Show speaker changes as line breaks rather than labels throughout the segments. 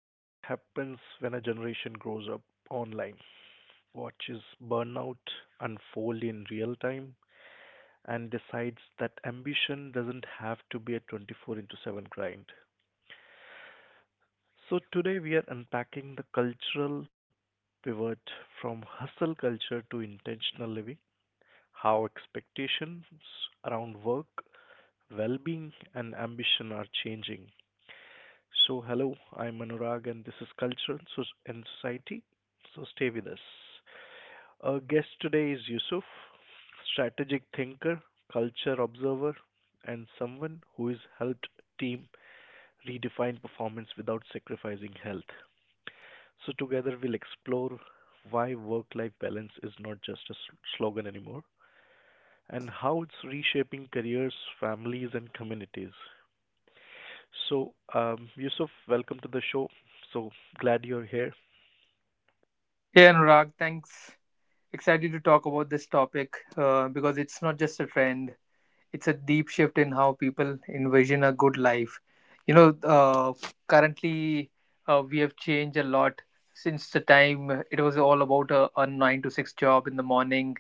What happens when a generation grows up online, watches burnout unfold in real time, and decides that ambition doesn't have to be a 24 into 7 grind. So, today we are unpacking the cultural pivot from hustle culture to intentional living, how expectations around work, well being, and ambition are changing. So, hello, I'm Anurag, and this is Culture and Society. So, stay with us. Our guest today is Yusuf, strategic thinker, culture observer, and someone who has helped team redefine performance without sacrificing health. So together we'll explore why work-life balance is not just a slogan anymore and how it's reshaping careers, families, and communities. So, Yusuf, welcome to the show. So glad you're here.
Hey Anurag, thanks. Excited to talk about this topic, because it's not just a trend, it's a deep shift in how people envision a good life. You know, currently we have changed a lot since the time it was all about a 9 to 6 job in the morning.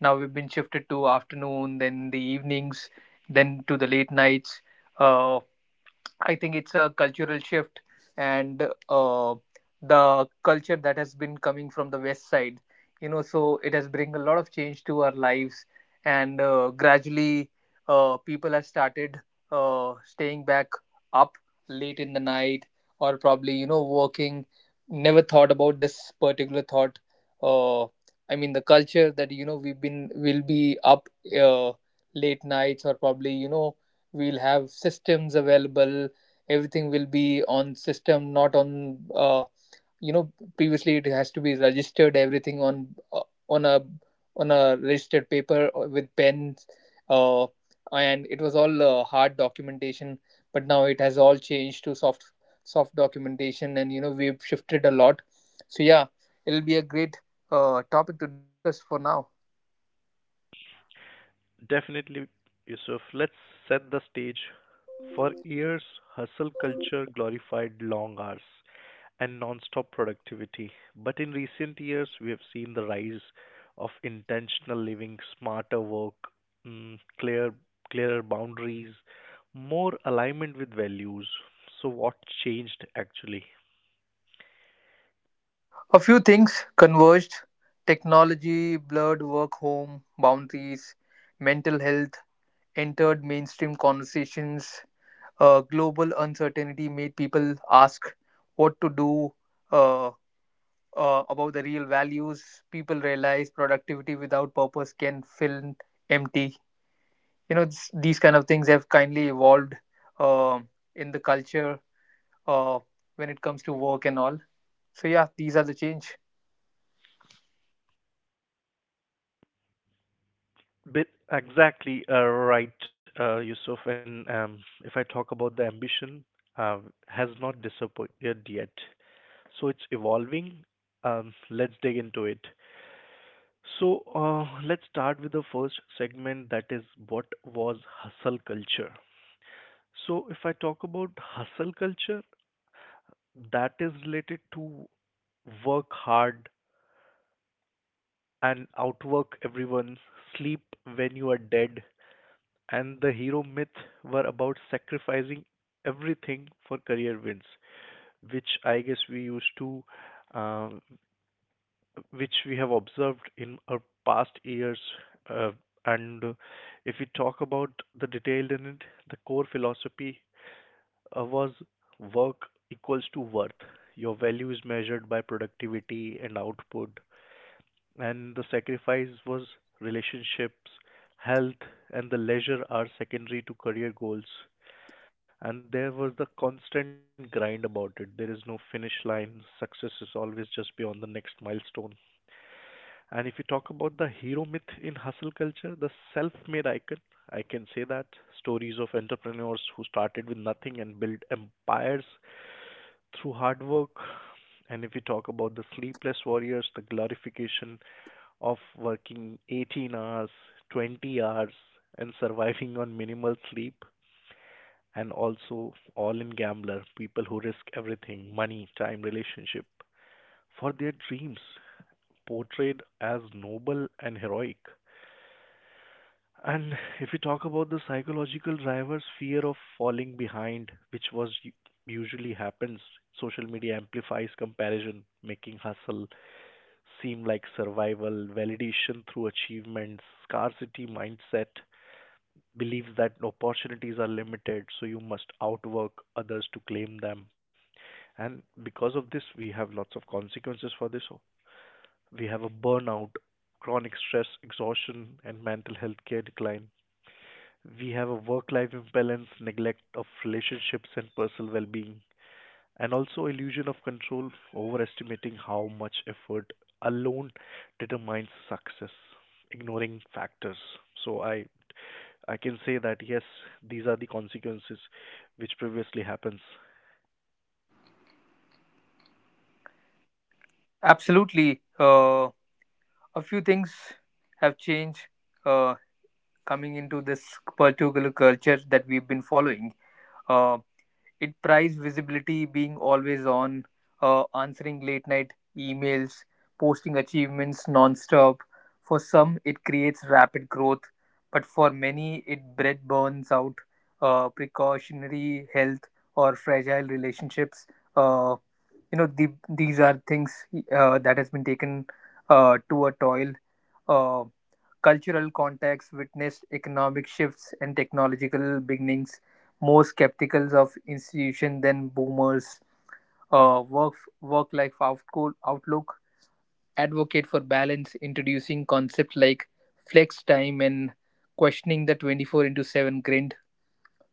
Now we've been shifted to afternoon, then the evenings, then to the late nights. Uh, I think it's a cultural shift, and uh, the culture that has been coming from the west side, you know, so it has bring a lot of change to our lives, and gradually, people have started staying back up late in the night, or probably you know working. Never thought about this particular thought. Uh, I mean, the culture that you know we've been will be up uh, late nights, or probably you know we'll have systems available. Everything will be on system, not on you know, previously it has to be registered everything on on a on a registered paper or with pens, uh, and it was all hard documentation, but now it has all changed to soft documentation, and you know we've shifted a lot. So yeah, it'll be a great topic to discuss for now.
Definitely, Yusuf. Let's set the stage. For years, hustle culture glorified long hours and non-stop productivity. But in recent years, we have seen the rise of intentional living, smarter work, mm, clear, clearer boundaries, more alignment with values. So, what changed actually?
A few things converged. Technology blurred work home boundaries. Mental health entered mainstream conversations. Global uncertainty made people ask what to do uh, about the real values. People realize productivity without purpose can feel empty. You know, these kind of things have kindly evolved um in the culture uh, when it comes to work and all. So yeah, these are the change.
Bit exactly right, Yusuf. And if I talk about the ambition, uh, has not disappeared yet. So it's evolving. Let's dig into it. So let's start with the first segment, that is, what was hustle culture. So if I talk about hustle culture, that is related to work hard and outwork everyone, sleep when you are dead, and the hero myth were about sacrificing everything for career wins, which I guess we used to. Um, which we have observed in our past years. Uh, and If we talk about the detailed in it, the core philosophy was work equals to worth. Your value is measured by productivity and output, and the sacrifice was relationships, health, and the leisure are secondary to career goals. And there was the constant grind about it. There is no finish line. Success is always just beyond the next milestone. And if you talk about the hero myth in hustle culture, the self made icon, I can say that stories of entrepreneurs who started with nothing and built empires through hard work. And if you talk about the sleepless warriors, the glorification of working 18 hours, 20 hours, and surviving on minimal sleep. And also, all in gambler, people who risk everything money, time, relationship for their dreams, portrayed as noble and heroic. And if we talk about the psychological drivers, fear of falling behind, which was usually happens, social media amplifies comparison, making hustle seem like survival, validation through achievements, scarcity mindset, believes that opportunities are limited, so you must outwork others to claim them. And because of this, we have lots of consequences for this. We have a burnout, chronic stress, exhaustion, and mental health care decline. We have a work life imbalance, neglect of relationships and personal well being, and also illusion of control, overestimating how much effort alone determines success, ignoring factors. So, I can say that yes, these are the consequences which previously happens.
Absolutely. A few things have changed uh, coming into this particular culture that we've been following. Uh, it prized visibility, being always on, answering late night emails, posting achievements nonstop. For some, it creates rapid growth, but for many, it bred burns out, precautionary health, or fragile relationships. Uh, you know, these are things that has been taken to a toil. Um Cultural contexts witnessed economic shifts and technological beginnings. More skeptical of institution than boomers. Uh, work work-life outlook. Advocate for balance, introducing concepts like flex time and questioning the 24 into 7 grind.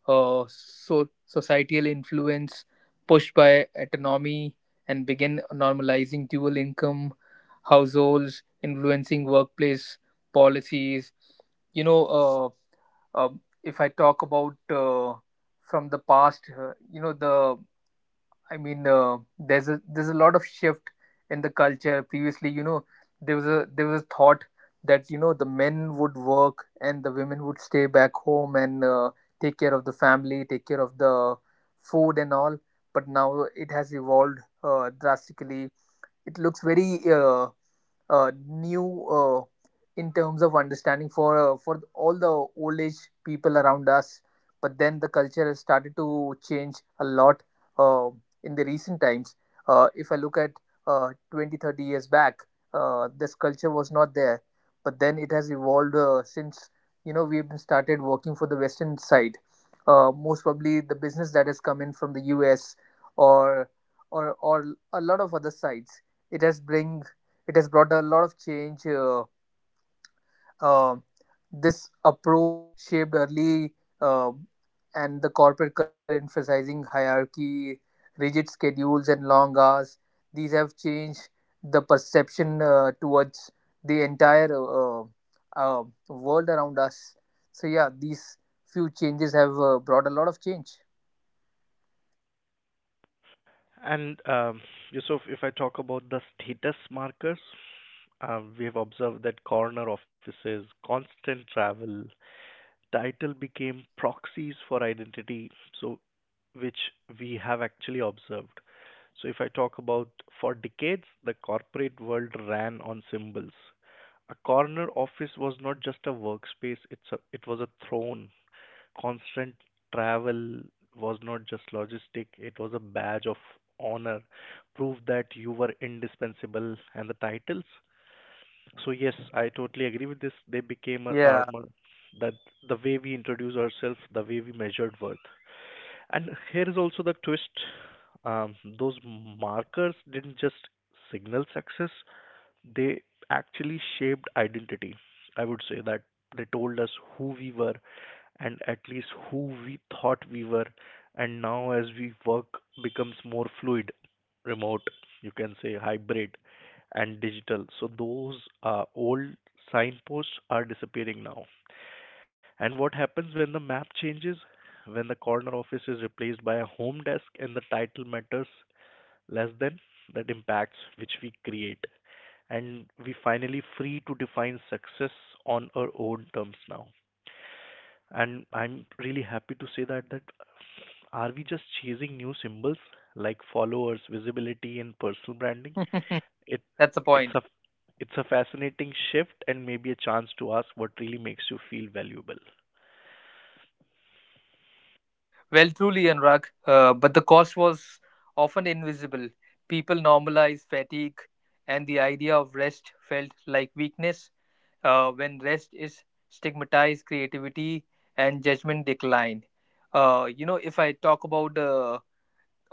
So societal influence pushed by autonomy and began normalizing dual income households, influencing workplace policies. You know, if I talk about from the past, you know, the I mean, there's a lot of shift in the culture. Previously, you know, there was a thought that you know the men would work and the women would stay back home and take care of the family, take care of the food and all. But now it has evolved drastically. It looks very new in terms of understanding for for all the old age people around us. But then the culture has started to change a lot uh, in the recent times. If I look at 20, 30 years back, this culture was not there. But then it has evolved since you know we've started working for the Western side. Most probably the business that has come in from the U.S., or or a lot of other sides, it has bring it has brought a lot of change. Uh, this approach shaped early, uh, and the corporate culture emphasizing hierarchy, rigid schedules and long hours, these have changed the perception towards the entire world around us. So yeah, these few changes have brought a lot of change.
And Yusuf, if I talk about the status markers, we have observed that corner offices, constant travel, title became proxies for identity, so which we have actually observed. So if I talk about, for decades the corporate world ran on symbols. A corner office was not just a workspace, it was a throne. Constant travel was not just logistic, it was a badge of honor, proof that you were indispensable, and the titles, so yes, I totally agree with this. They became our
Yeah.
armor. That the way we introduce ourselves, the way we measured worth. And here is also the twist. Those markers didn't just signal success; they actually shaped identity. I would say that they told us who we were, and at least who we thought we were. And now as we work becomes more fluid, remote, you can say hybrid and digital, so those old signposts are disappearing now. And what happens when the map changes, when the corner office is replaced by a home desk and the title matters less than that, impacts which we create, and we finally free to define success on our own terms now. And I'm really happy to say that, that are we just chasing new symbols like followers, visibility, and personal branding? It
That's the
it's
point.
a it's a fascinating shift and maybe a chance to ask what really makes you feel valuable.
Well, truly, Anurag, but the cost was often invisible. People normalized fatigue, and the idea of rest felt like weakness. When rest is stigmatized, creativity and judgment decline. You know, if I talk about uh,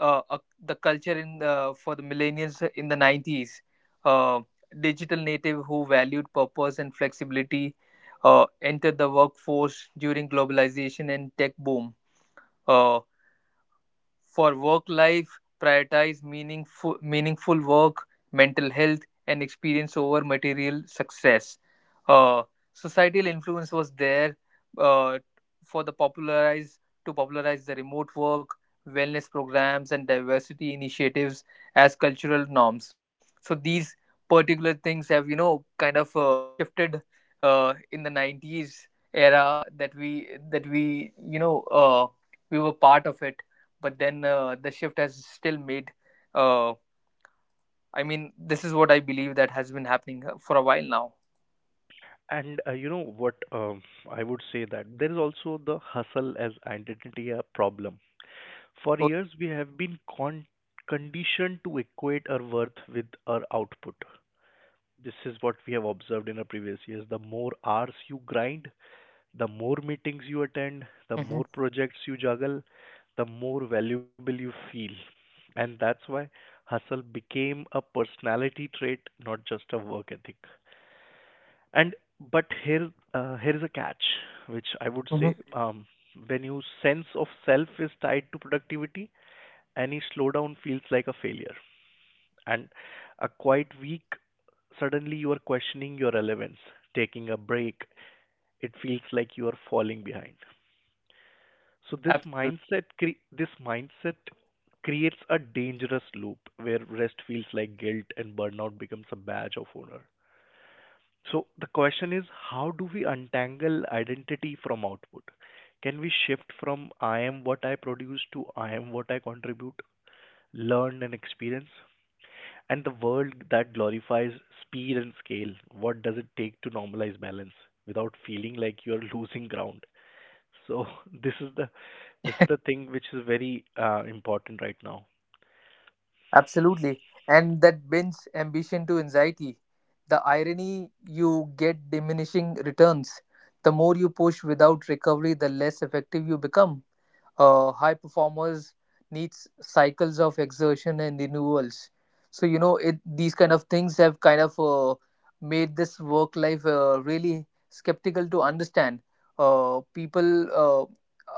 uh, uh, the culture for the millennials in the 90s, uh, digital native who valued purpose and flexibility entered the workforce during globalization and tech boom. Uh, for work life, prioritize meaningful work, mental health, and experience over material success. Uh, Societal influence was there uh, for the popularize to popularize the remote work, wellness programs, and diversity initiatives as cultural norms. So these particular things have you know kind of shifted in the 90s era that we you know we were part of it. But then the shift has still made. uh, I mean, this is what I believe that has been happening for a while now.
And you know what I would say that there is also the hustle as identity a problem. For
Oh.
years we have been conditioned to equate our worth with our output. This is what we have observed in our previous years. The more hours you grind, the more meetings you attend, the
Mm-hmm.
more projects you juggle, the more valuable you feel. And that's why hustle became a personality trait, not just a work ethic. And but here, here is a catch, which I would say,
Mm-hmm.
when your sense of self is tied to productivity, any slowdown feels like a failure. And a quiet week, suddenly you are questioning your relevance, taking a break. It feels like you are falling behind. So
Absolutely.
this mindset creates a dangerous loop where rest feels like guilt and burnout becomes a badge of honor. So the question is, how do we untangle identity from output? Can we shift from I am what I produce to I am what I contribute, learn and experience? And the world that glorifies speed and scale, what does it take to normalize balance without feeling like you're losing ground? So this is the this is the thing which is very important right now.
Absolutely. And that bends ambition to anxiety. The irony you get diminishing returns. The more you push without recovery, the less effective you become. High performers needs cycles of exertion and renewals. So you know it. These kind of things have kind of made this work life really skeptical to understand. People, uh,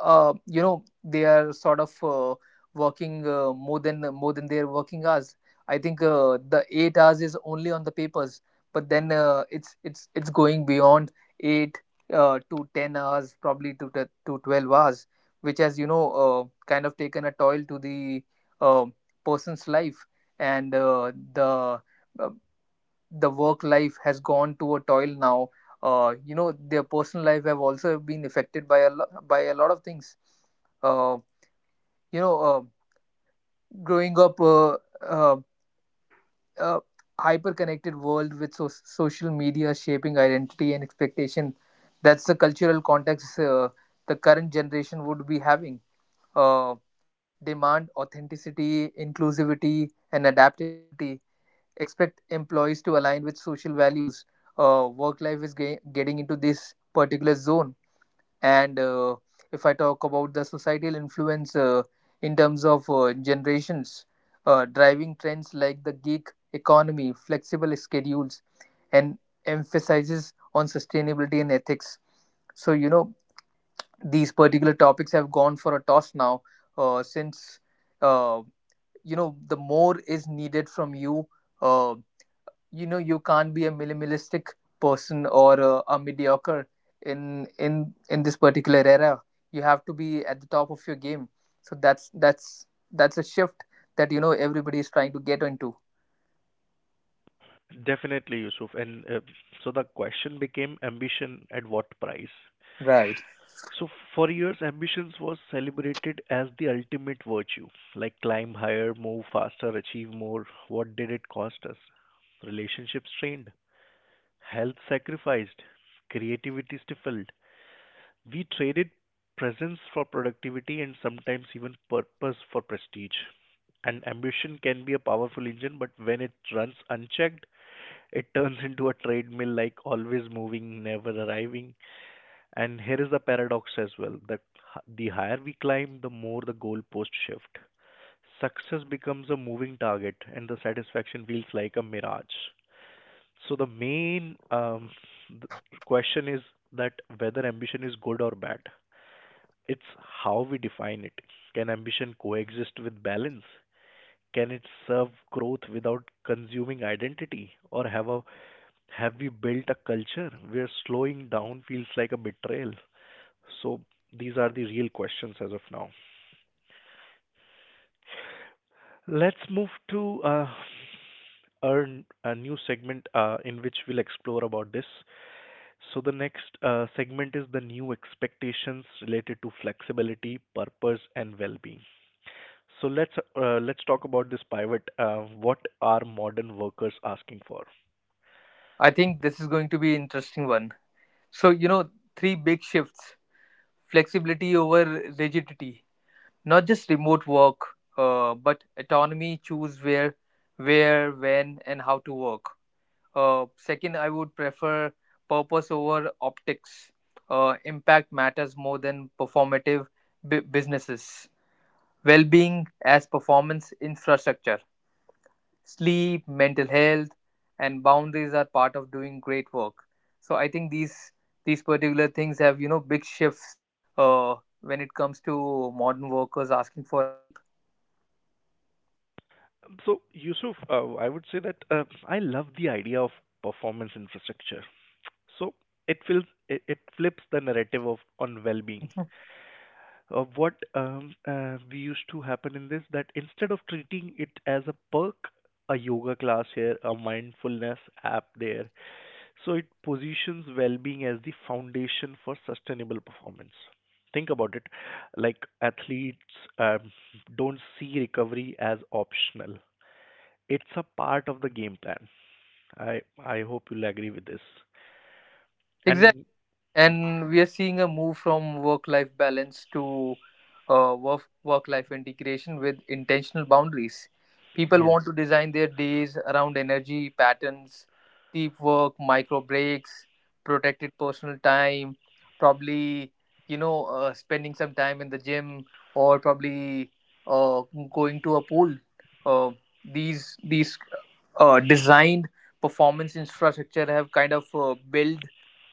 uh, you know, they are sort of. Working more than their working hours. I think the 8 hours is only on the papers, but then it's going beyond eight to 10 hours, probably to to 12 hours, which has you know kind of taken a toll to the uh, person's life, and uh, the work life has gone to a toil now. You know, their personal life have also been affected by by a lot of things, uh, you know, growing up uh, a hyper connected world with social media shaping identity and expectation. That's the cultural context. The current generation would be having uh, demand authenticity, inclusivity and adaptability, expect employees to align with social values. Work life is getting into this particular zone. And if I talk about the societal influence in terms of generations driving trends like the gig economy, flexible schedules, and emphasizes on sustainability and ethics. So you know, these particular topics have gone for a toss now, since uh, you know, the more is needed from you. uh, you know, you can't be a minimalistic person, or a mediocre in this particular era. You have to be at the top of your game. So that's a shift that you know everybody is trying to get into.
Definitely, Yusuf. And so the question became, ambition at what price?
Right.
So for years, ambitions was celebrated as the ultimate virtue, like climb higher, move faster, achieve more. What did it cost us? Relationships strained, health sacrificed, creativity stifled. We traded presence for productivity and sometimes even purpose for prestige. And ambition can be a powerful engine, but when it runs unchecked, it turns into a treadmill, like always moving, never arriving. And here is the paradox as well that the higher we climb, the more the goalpost shift. Success becomes a moving target, and the satisfaction feels like a mirage. So the main th- question is that whether ambition is good or bad. It's how we define it. Can ambition coexist with balance? Can it serve growth without consuming identity, or have we built a culture where slowing down feels like a betrayal? So these are the real questions as of now. Let's move to a new segment in which we'll explore about this. So the next segment is the new expectations related to flexibility, purpose and well-being. So let's talk about this pivot. What are modern workers asking for?
I think this is going to be interesting one. So you know, three big shifts. Flexibility over rigidity, not just remote work, but autonomy, choose where, when and how to work. Second, I would prefer purpose over optics. Impact matters more than performative businesses. Well being as performance infrastructure. Sleep, mental health, and boundaries are part of doing great work. So I think these particular things have you know big shifts when it comes to modern workers asking for help.
Yusuf, I would say that I love the idea of performance infrastructure. So it feels, it flips the narrative of on well-being.
Mhm.
What we used to happen in this that instead of treating it as a perk, a yoga class here, a mindfulness app there, so it positions well-being as the foundation for sustainable performance. Think about it, like athletes um, don't see recovery as optional, it's a part of the game plan. I hope you'll agree with this.
Exactly.
And
And we are seeing a move from work life balance to uh, work life integration with intentional boundaries. People
yeah.
want to design their days around energy patterns, deep work, micro breaks, protected personal time, probably you know spending some time in the gym, or probably uh, going to a pool. uh, these designed performance infrastructure have kind of built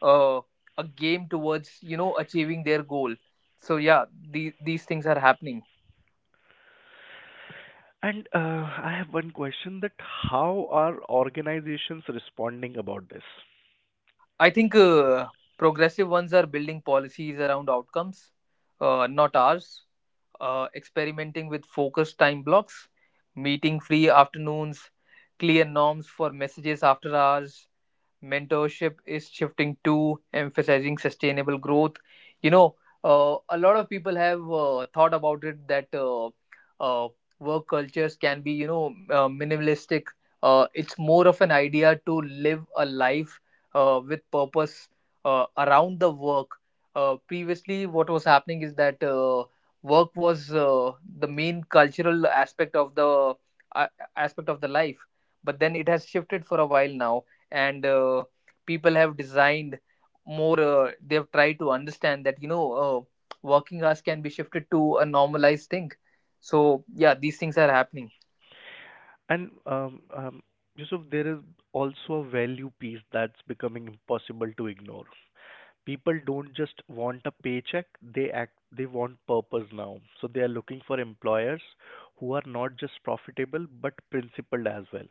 uh, a game towards you know achieving their goal. So yeah, these things are happening.
And I have one question, that how are organizations responding about this?
I think progressive ones are building policies around outcomes, not ours, experimenting with focused time blocks, meeting free afternoons, clear norms for messages after hours. Mentorship is shifting to emphasizing sustainable growth. You know, a lot of people have thought about it that uh, work cultures can be you know minimalistic. It's more of an idea to live a life with purpose around the work. Previously, what was happening is that work was the main cultural aspect of the uh, life, but then it has shifted for a while now. And people have designed more. They've tried to understand that you know working hours can be shifted to a normalized thing. So yeah, these things are happening.
And Yusuf, there is also a value piece that's becoming impossible to ignore. People don't just want a paycheck; they want purpose now. So they are looking for employers who are not just profitable but principled as well.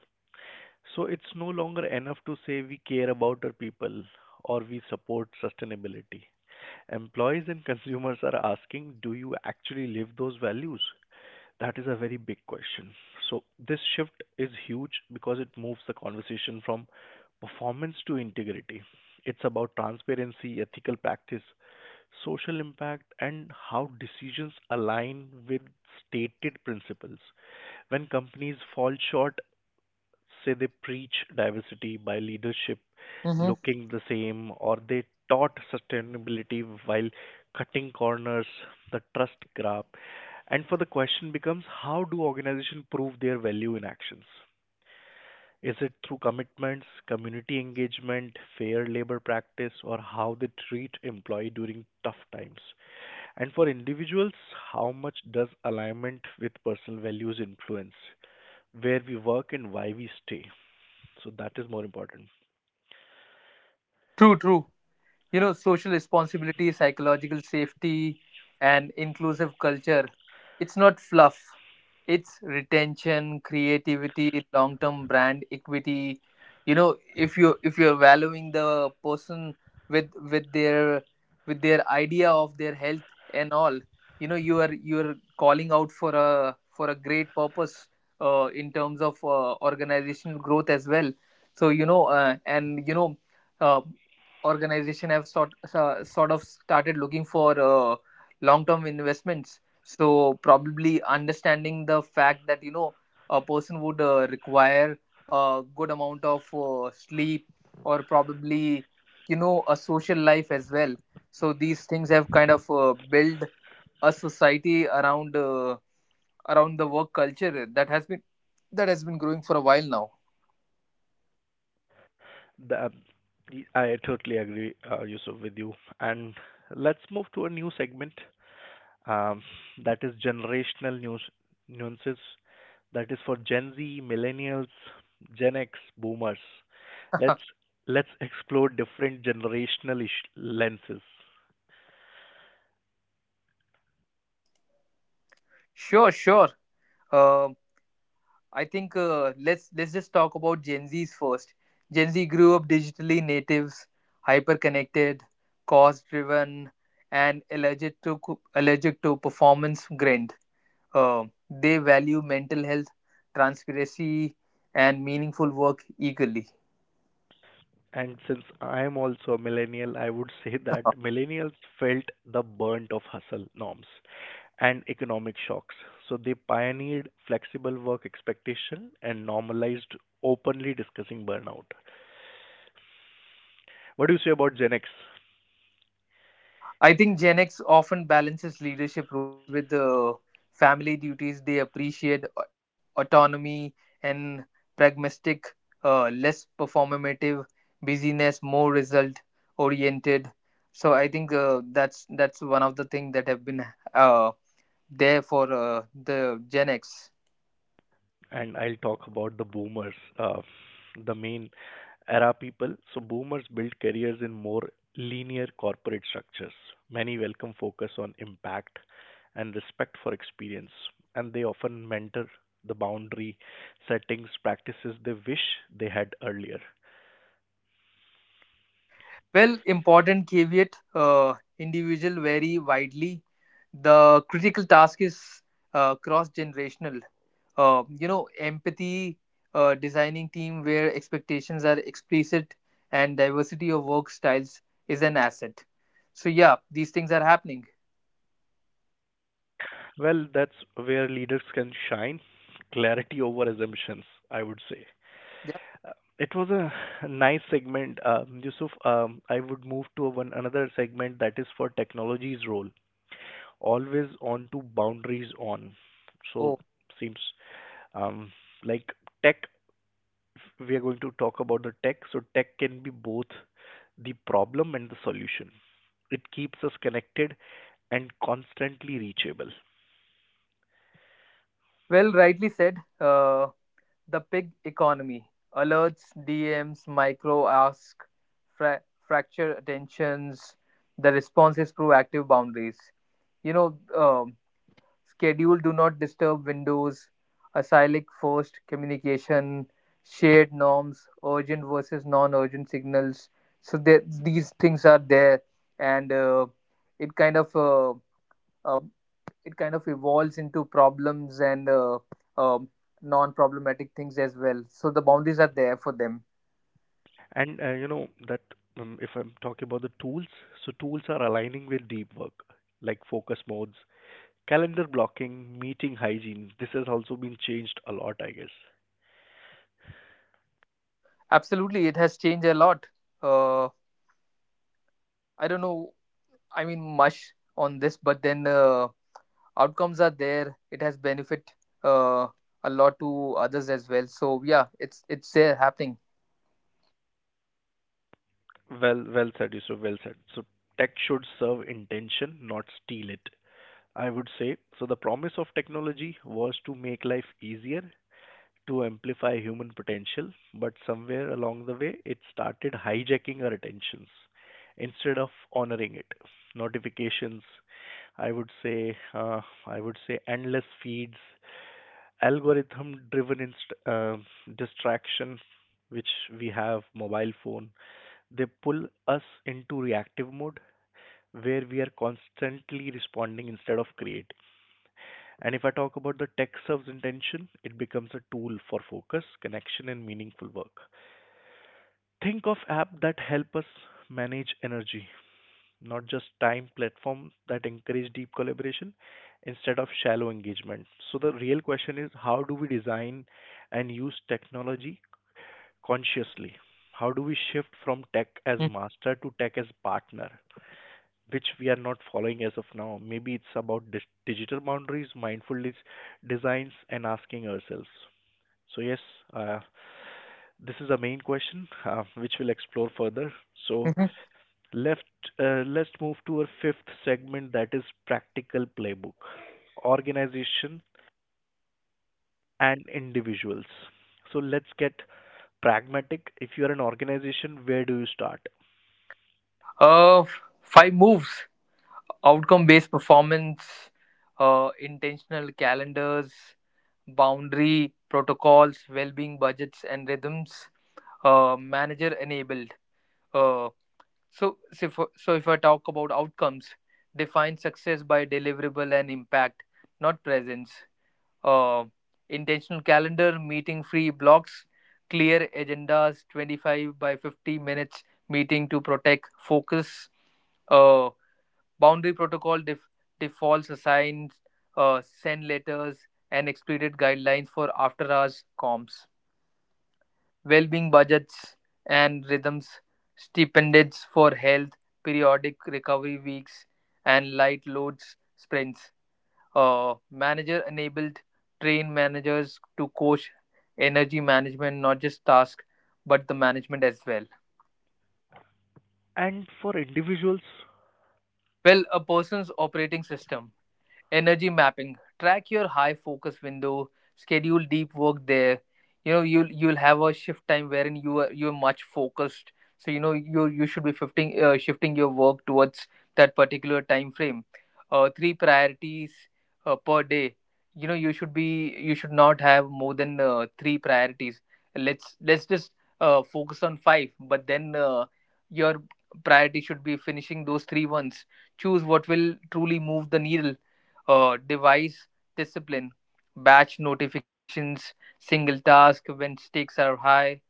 So it's no longer enough to say we care about our people or we support sustainability. Employees and consumers are asking, do you actually live those values? That is a very big question. So this shift is huge because it moves the conversation from performance to integrity. It's about transparency, ethical practice, social impact, and how decisions align with stated principles. When companies fall short, say they preach diversity by leadership
Hmm.
looking the same, or they taught sustainability while cutting corners, the trust graph, and for the question becomes, how do organizations prove their value in actions? Is it through commitments, community engagement, fair labor practice, or how they treat employee during tough times? And for individuals, how much does alignment with personal values influence where we work and why we stay? So that is more important.
True, true, you know, social responsibility, psychological safety, and inclusive culture. It's not fluff, it's retention, creativity, long term brand equity. You know, if you're valuing the person with with their with their idea of their health and all, you know you are calling out for a great purpose in terms of organizational growth as well. So you know and you know uh, organization have sort of started looking for long term investments, so probably understanding the fact that you know a person would require a good amount of sleep, or probably you know a social life as Well, so these things have kind of built a society around around the work culture that has been growing for a while now.
The, I totally agree, Yusuf, with you. And let's move to a new segment, um, that is generational news nuances. That is for Gen Z, millennials, Gen X, boomers. Let's let's explore different generational lenses.
Sure, sure. Um I think let's just talk about Gen Z's first. Gen Z grew up digitally natives, hyper connected, cause driven, and allergic to performance grind. Uh, they value mental health, transparency, and meaningful work equally.
And since I am also a millennial, I would say that millennials felt the burnt of hustle norms and economic shocks. So they pioneered flexible work expectation and normalized openly discussing burnout. What do you say about Gen X?
I think Gen X often balances leadership roles with family duties. They appreciate autonomy and pragmatic, less performative busyness, more result oriented. So I think that's one of the things that have been uh, there for the Gen X.
And I'll talk about the boomers, the main era people. So boomers built careers in more linear corporate structures. Many welcome focus on impact and respect for experience, and they often mentor the boundary settings practices they wish they had earlier.
Well, important caveat, individual vary widely. The critical task is cross generational. You know, empathy, designing team where expectations are explicit and diversity of work styles is an asset. So, yeah, these things are happening.
Well, that's where leaders can shine. Clarity over assumptions, I would say.
Yeah.
Uh, It was a nice segment, Yusuf. I would move to a one another segment that is for technology's role. Always on to boundaries on. So
Oh,
seems um, like tech. We are going to talk about the tech. So tech can be both the problem and the solution. It keeps us connected and constantly reachable.
well, rightly said. The pig economy alerts, DMs, micro ask, fracture attentions. The response is proactive boundaries. You know, schedule do not disturb windows, acyclic forced communication, shared norms, urgent versus non urgent signals. So there, these things are there, and it kind of uh, uh, it kind of evolves into problems and, um, non-problematic things as well, so the boundaries are there for them.
And you know that if I'm talking about the tools, so tools are aligning with deep work, like focus modes, calendar blocking, meeting hygiene. This has also been changed a lot, I guess.
Absolutely, it has changed a lot. uh, I don't know, I mean much on this, but then outcomes are there, it has benefit uh, a lot to others as well, so yeah, it's there happening.
Well, well said, Yusuf. Well said. So tech should serve intention, not steal it. I would say. So the promise of technology was to make life easier, to amplify human potential, but somewhere along the way, it started hijacking our attentions instead of honoring it. Notifications, I would say uh, I would say endless feeds, algorithm driven distraction which we have mobile phone, they pull us into reactive mode where we are constantly responding instead of creating. And if I talk about the tech serves intention, it becomes a tool for focus connection and meaningful work. Think of app that help us manage energy, not just time, platforms that encourage deep collaboration instead of shallow engagement. So the real question is, how do we design and use technology consciously? How do we shift from tech as
Mhm.
master to tech as partner? Which we are not following as of now. Maybe it's about digital boundaries, mindful designs, and asking ourselves. So, yes, uh, this is the main question which we'll explore further. So,
Mhm.
Left, let's move to our fifth segment that is practical playbook, organization and individuals. So let's get pragmatic. If you are an organization, where do you start?
uh 5 moves: outcome based performance, intentional calendars, boundary protocols, well being budgets and rhythms, manager enabled. Uh, so if I talk about outcomes, define success by deliverable and impact, not presence. Uh, Intentional calendar, meeting free blocks, clear agendas, 25 by 50 minutes meeting to protect focus. Uh, Boundary protocol def- defaults assigns, send letters and explicit guidelines for after hours comms. Well-being budgets and rhythms, stipends for health, periodic recovery weeks, and light loads sprints. Manager enabled: train managers to coach energy management, not just task, but the management as well.
And for individuals,
Well, a person's operating system. Energy mapping: track your high focus window, schedule deep work there. You know, you'll have a shift time wherein you're much focused, so you know you should be shifting, shifting your work towards that particular time frame. 3 priorities per day. You know, you should not have more than 3 priorities. Let's just focus on five, but then your priority should be finishing those 3 ones. Choose what will truly move the needle. Device discipline, batch notifications, single task when stakes are high,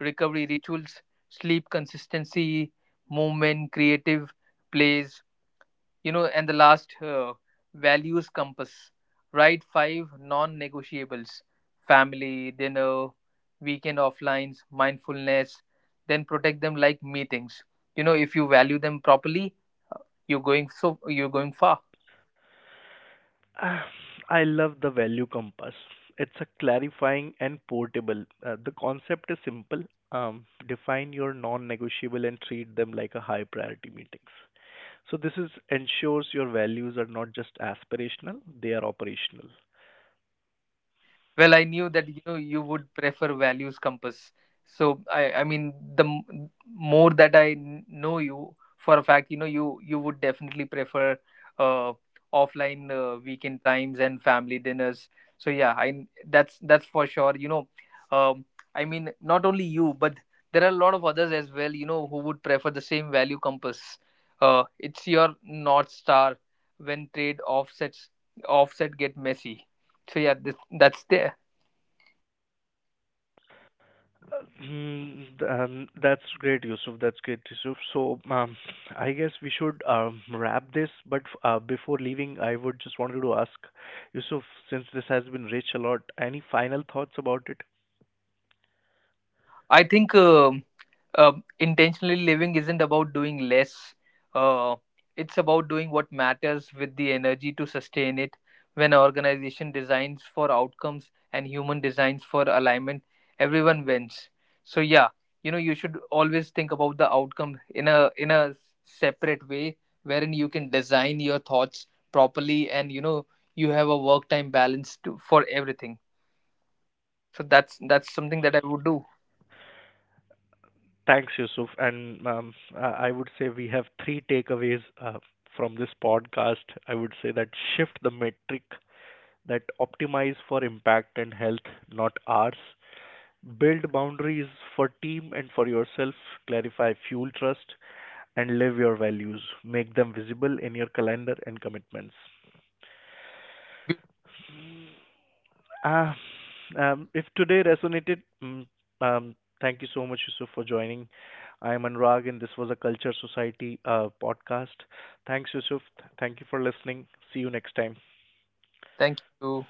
recovery rituals, sleep consistency, movement, creative plays, you know, and the last, values compass. Write 5 non negotiables: family, dinner, weekend offlines, mindfulness, then protect them like meetings. You know, if you value them properly, uh, you're going far.
ah, I love the value compass. It's a clarifying and portable. The concept is simple. Define your non-negotiable and treat them like a high priority meetings. So this is ensures your values are not just aspirational, they are operational.
Well, I knew that you know you would prefer values compass. So I mean, the more that I know you for a fact, you know you would definitely prefer uh, offline weekend times and family dinners. So yeah, I, that's for sure. You know, um, I mean, not only you, but there are a lot of others as well. You know, who would prefer the same value compass. It's your north star when trade offsets offset get messy. So yeah, this, that's the.
That's great, Yusuf. That's great, Yusuf. So I guess we should wrap this. But before leaving, I would just wanted to ask Yusuf, since this has been rich a lot, any final thoughts about it?
I think uh, intentionally living isn't about doing less. Uh, it's about doing what matters with the energy to sustain it. When an organization designs for outcomes and human designs for alignment, everyone wins. So yeah, you know you should always think about the outcome in a separate way, wherein you can design your thoughts properly, and you know you have a work time balance to, for everything. So that's something that I would do.
Thanks, Yusuf. And I would say we have three takeaways from this podcast. I would say that shift the metric that optimize for impact and health, not ours. Build boundaries for team and for yourself, clarify fuel trust, and live your values. Make them visible in your calendar and commitments.
Beautiful.
Uh, if today resonated, thank you so much, Yusuf, for joining. I am Anurag, and this was a Culture Society podcast. Thanks, Yusuf. Thank you for listening. See you next time.
Thank you.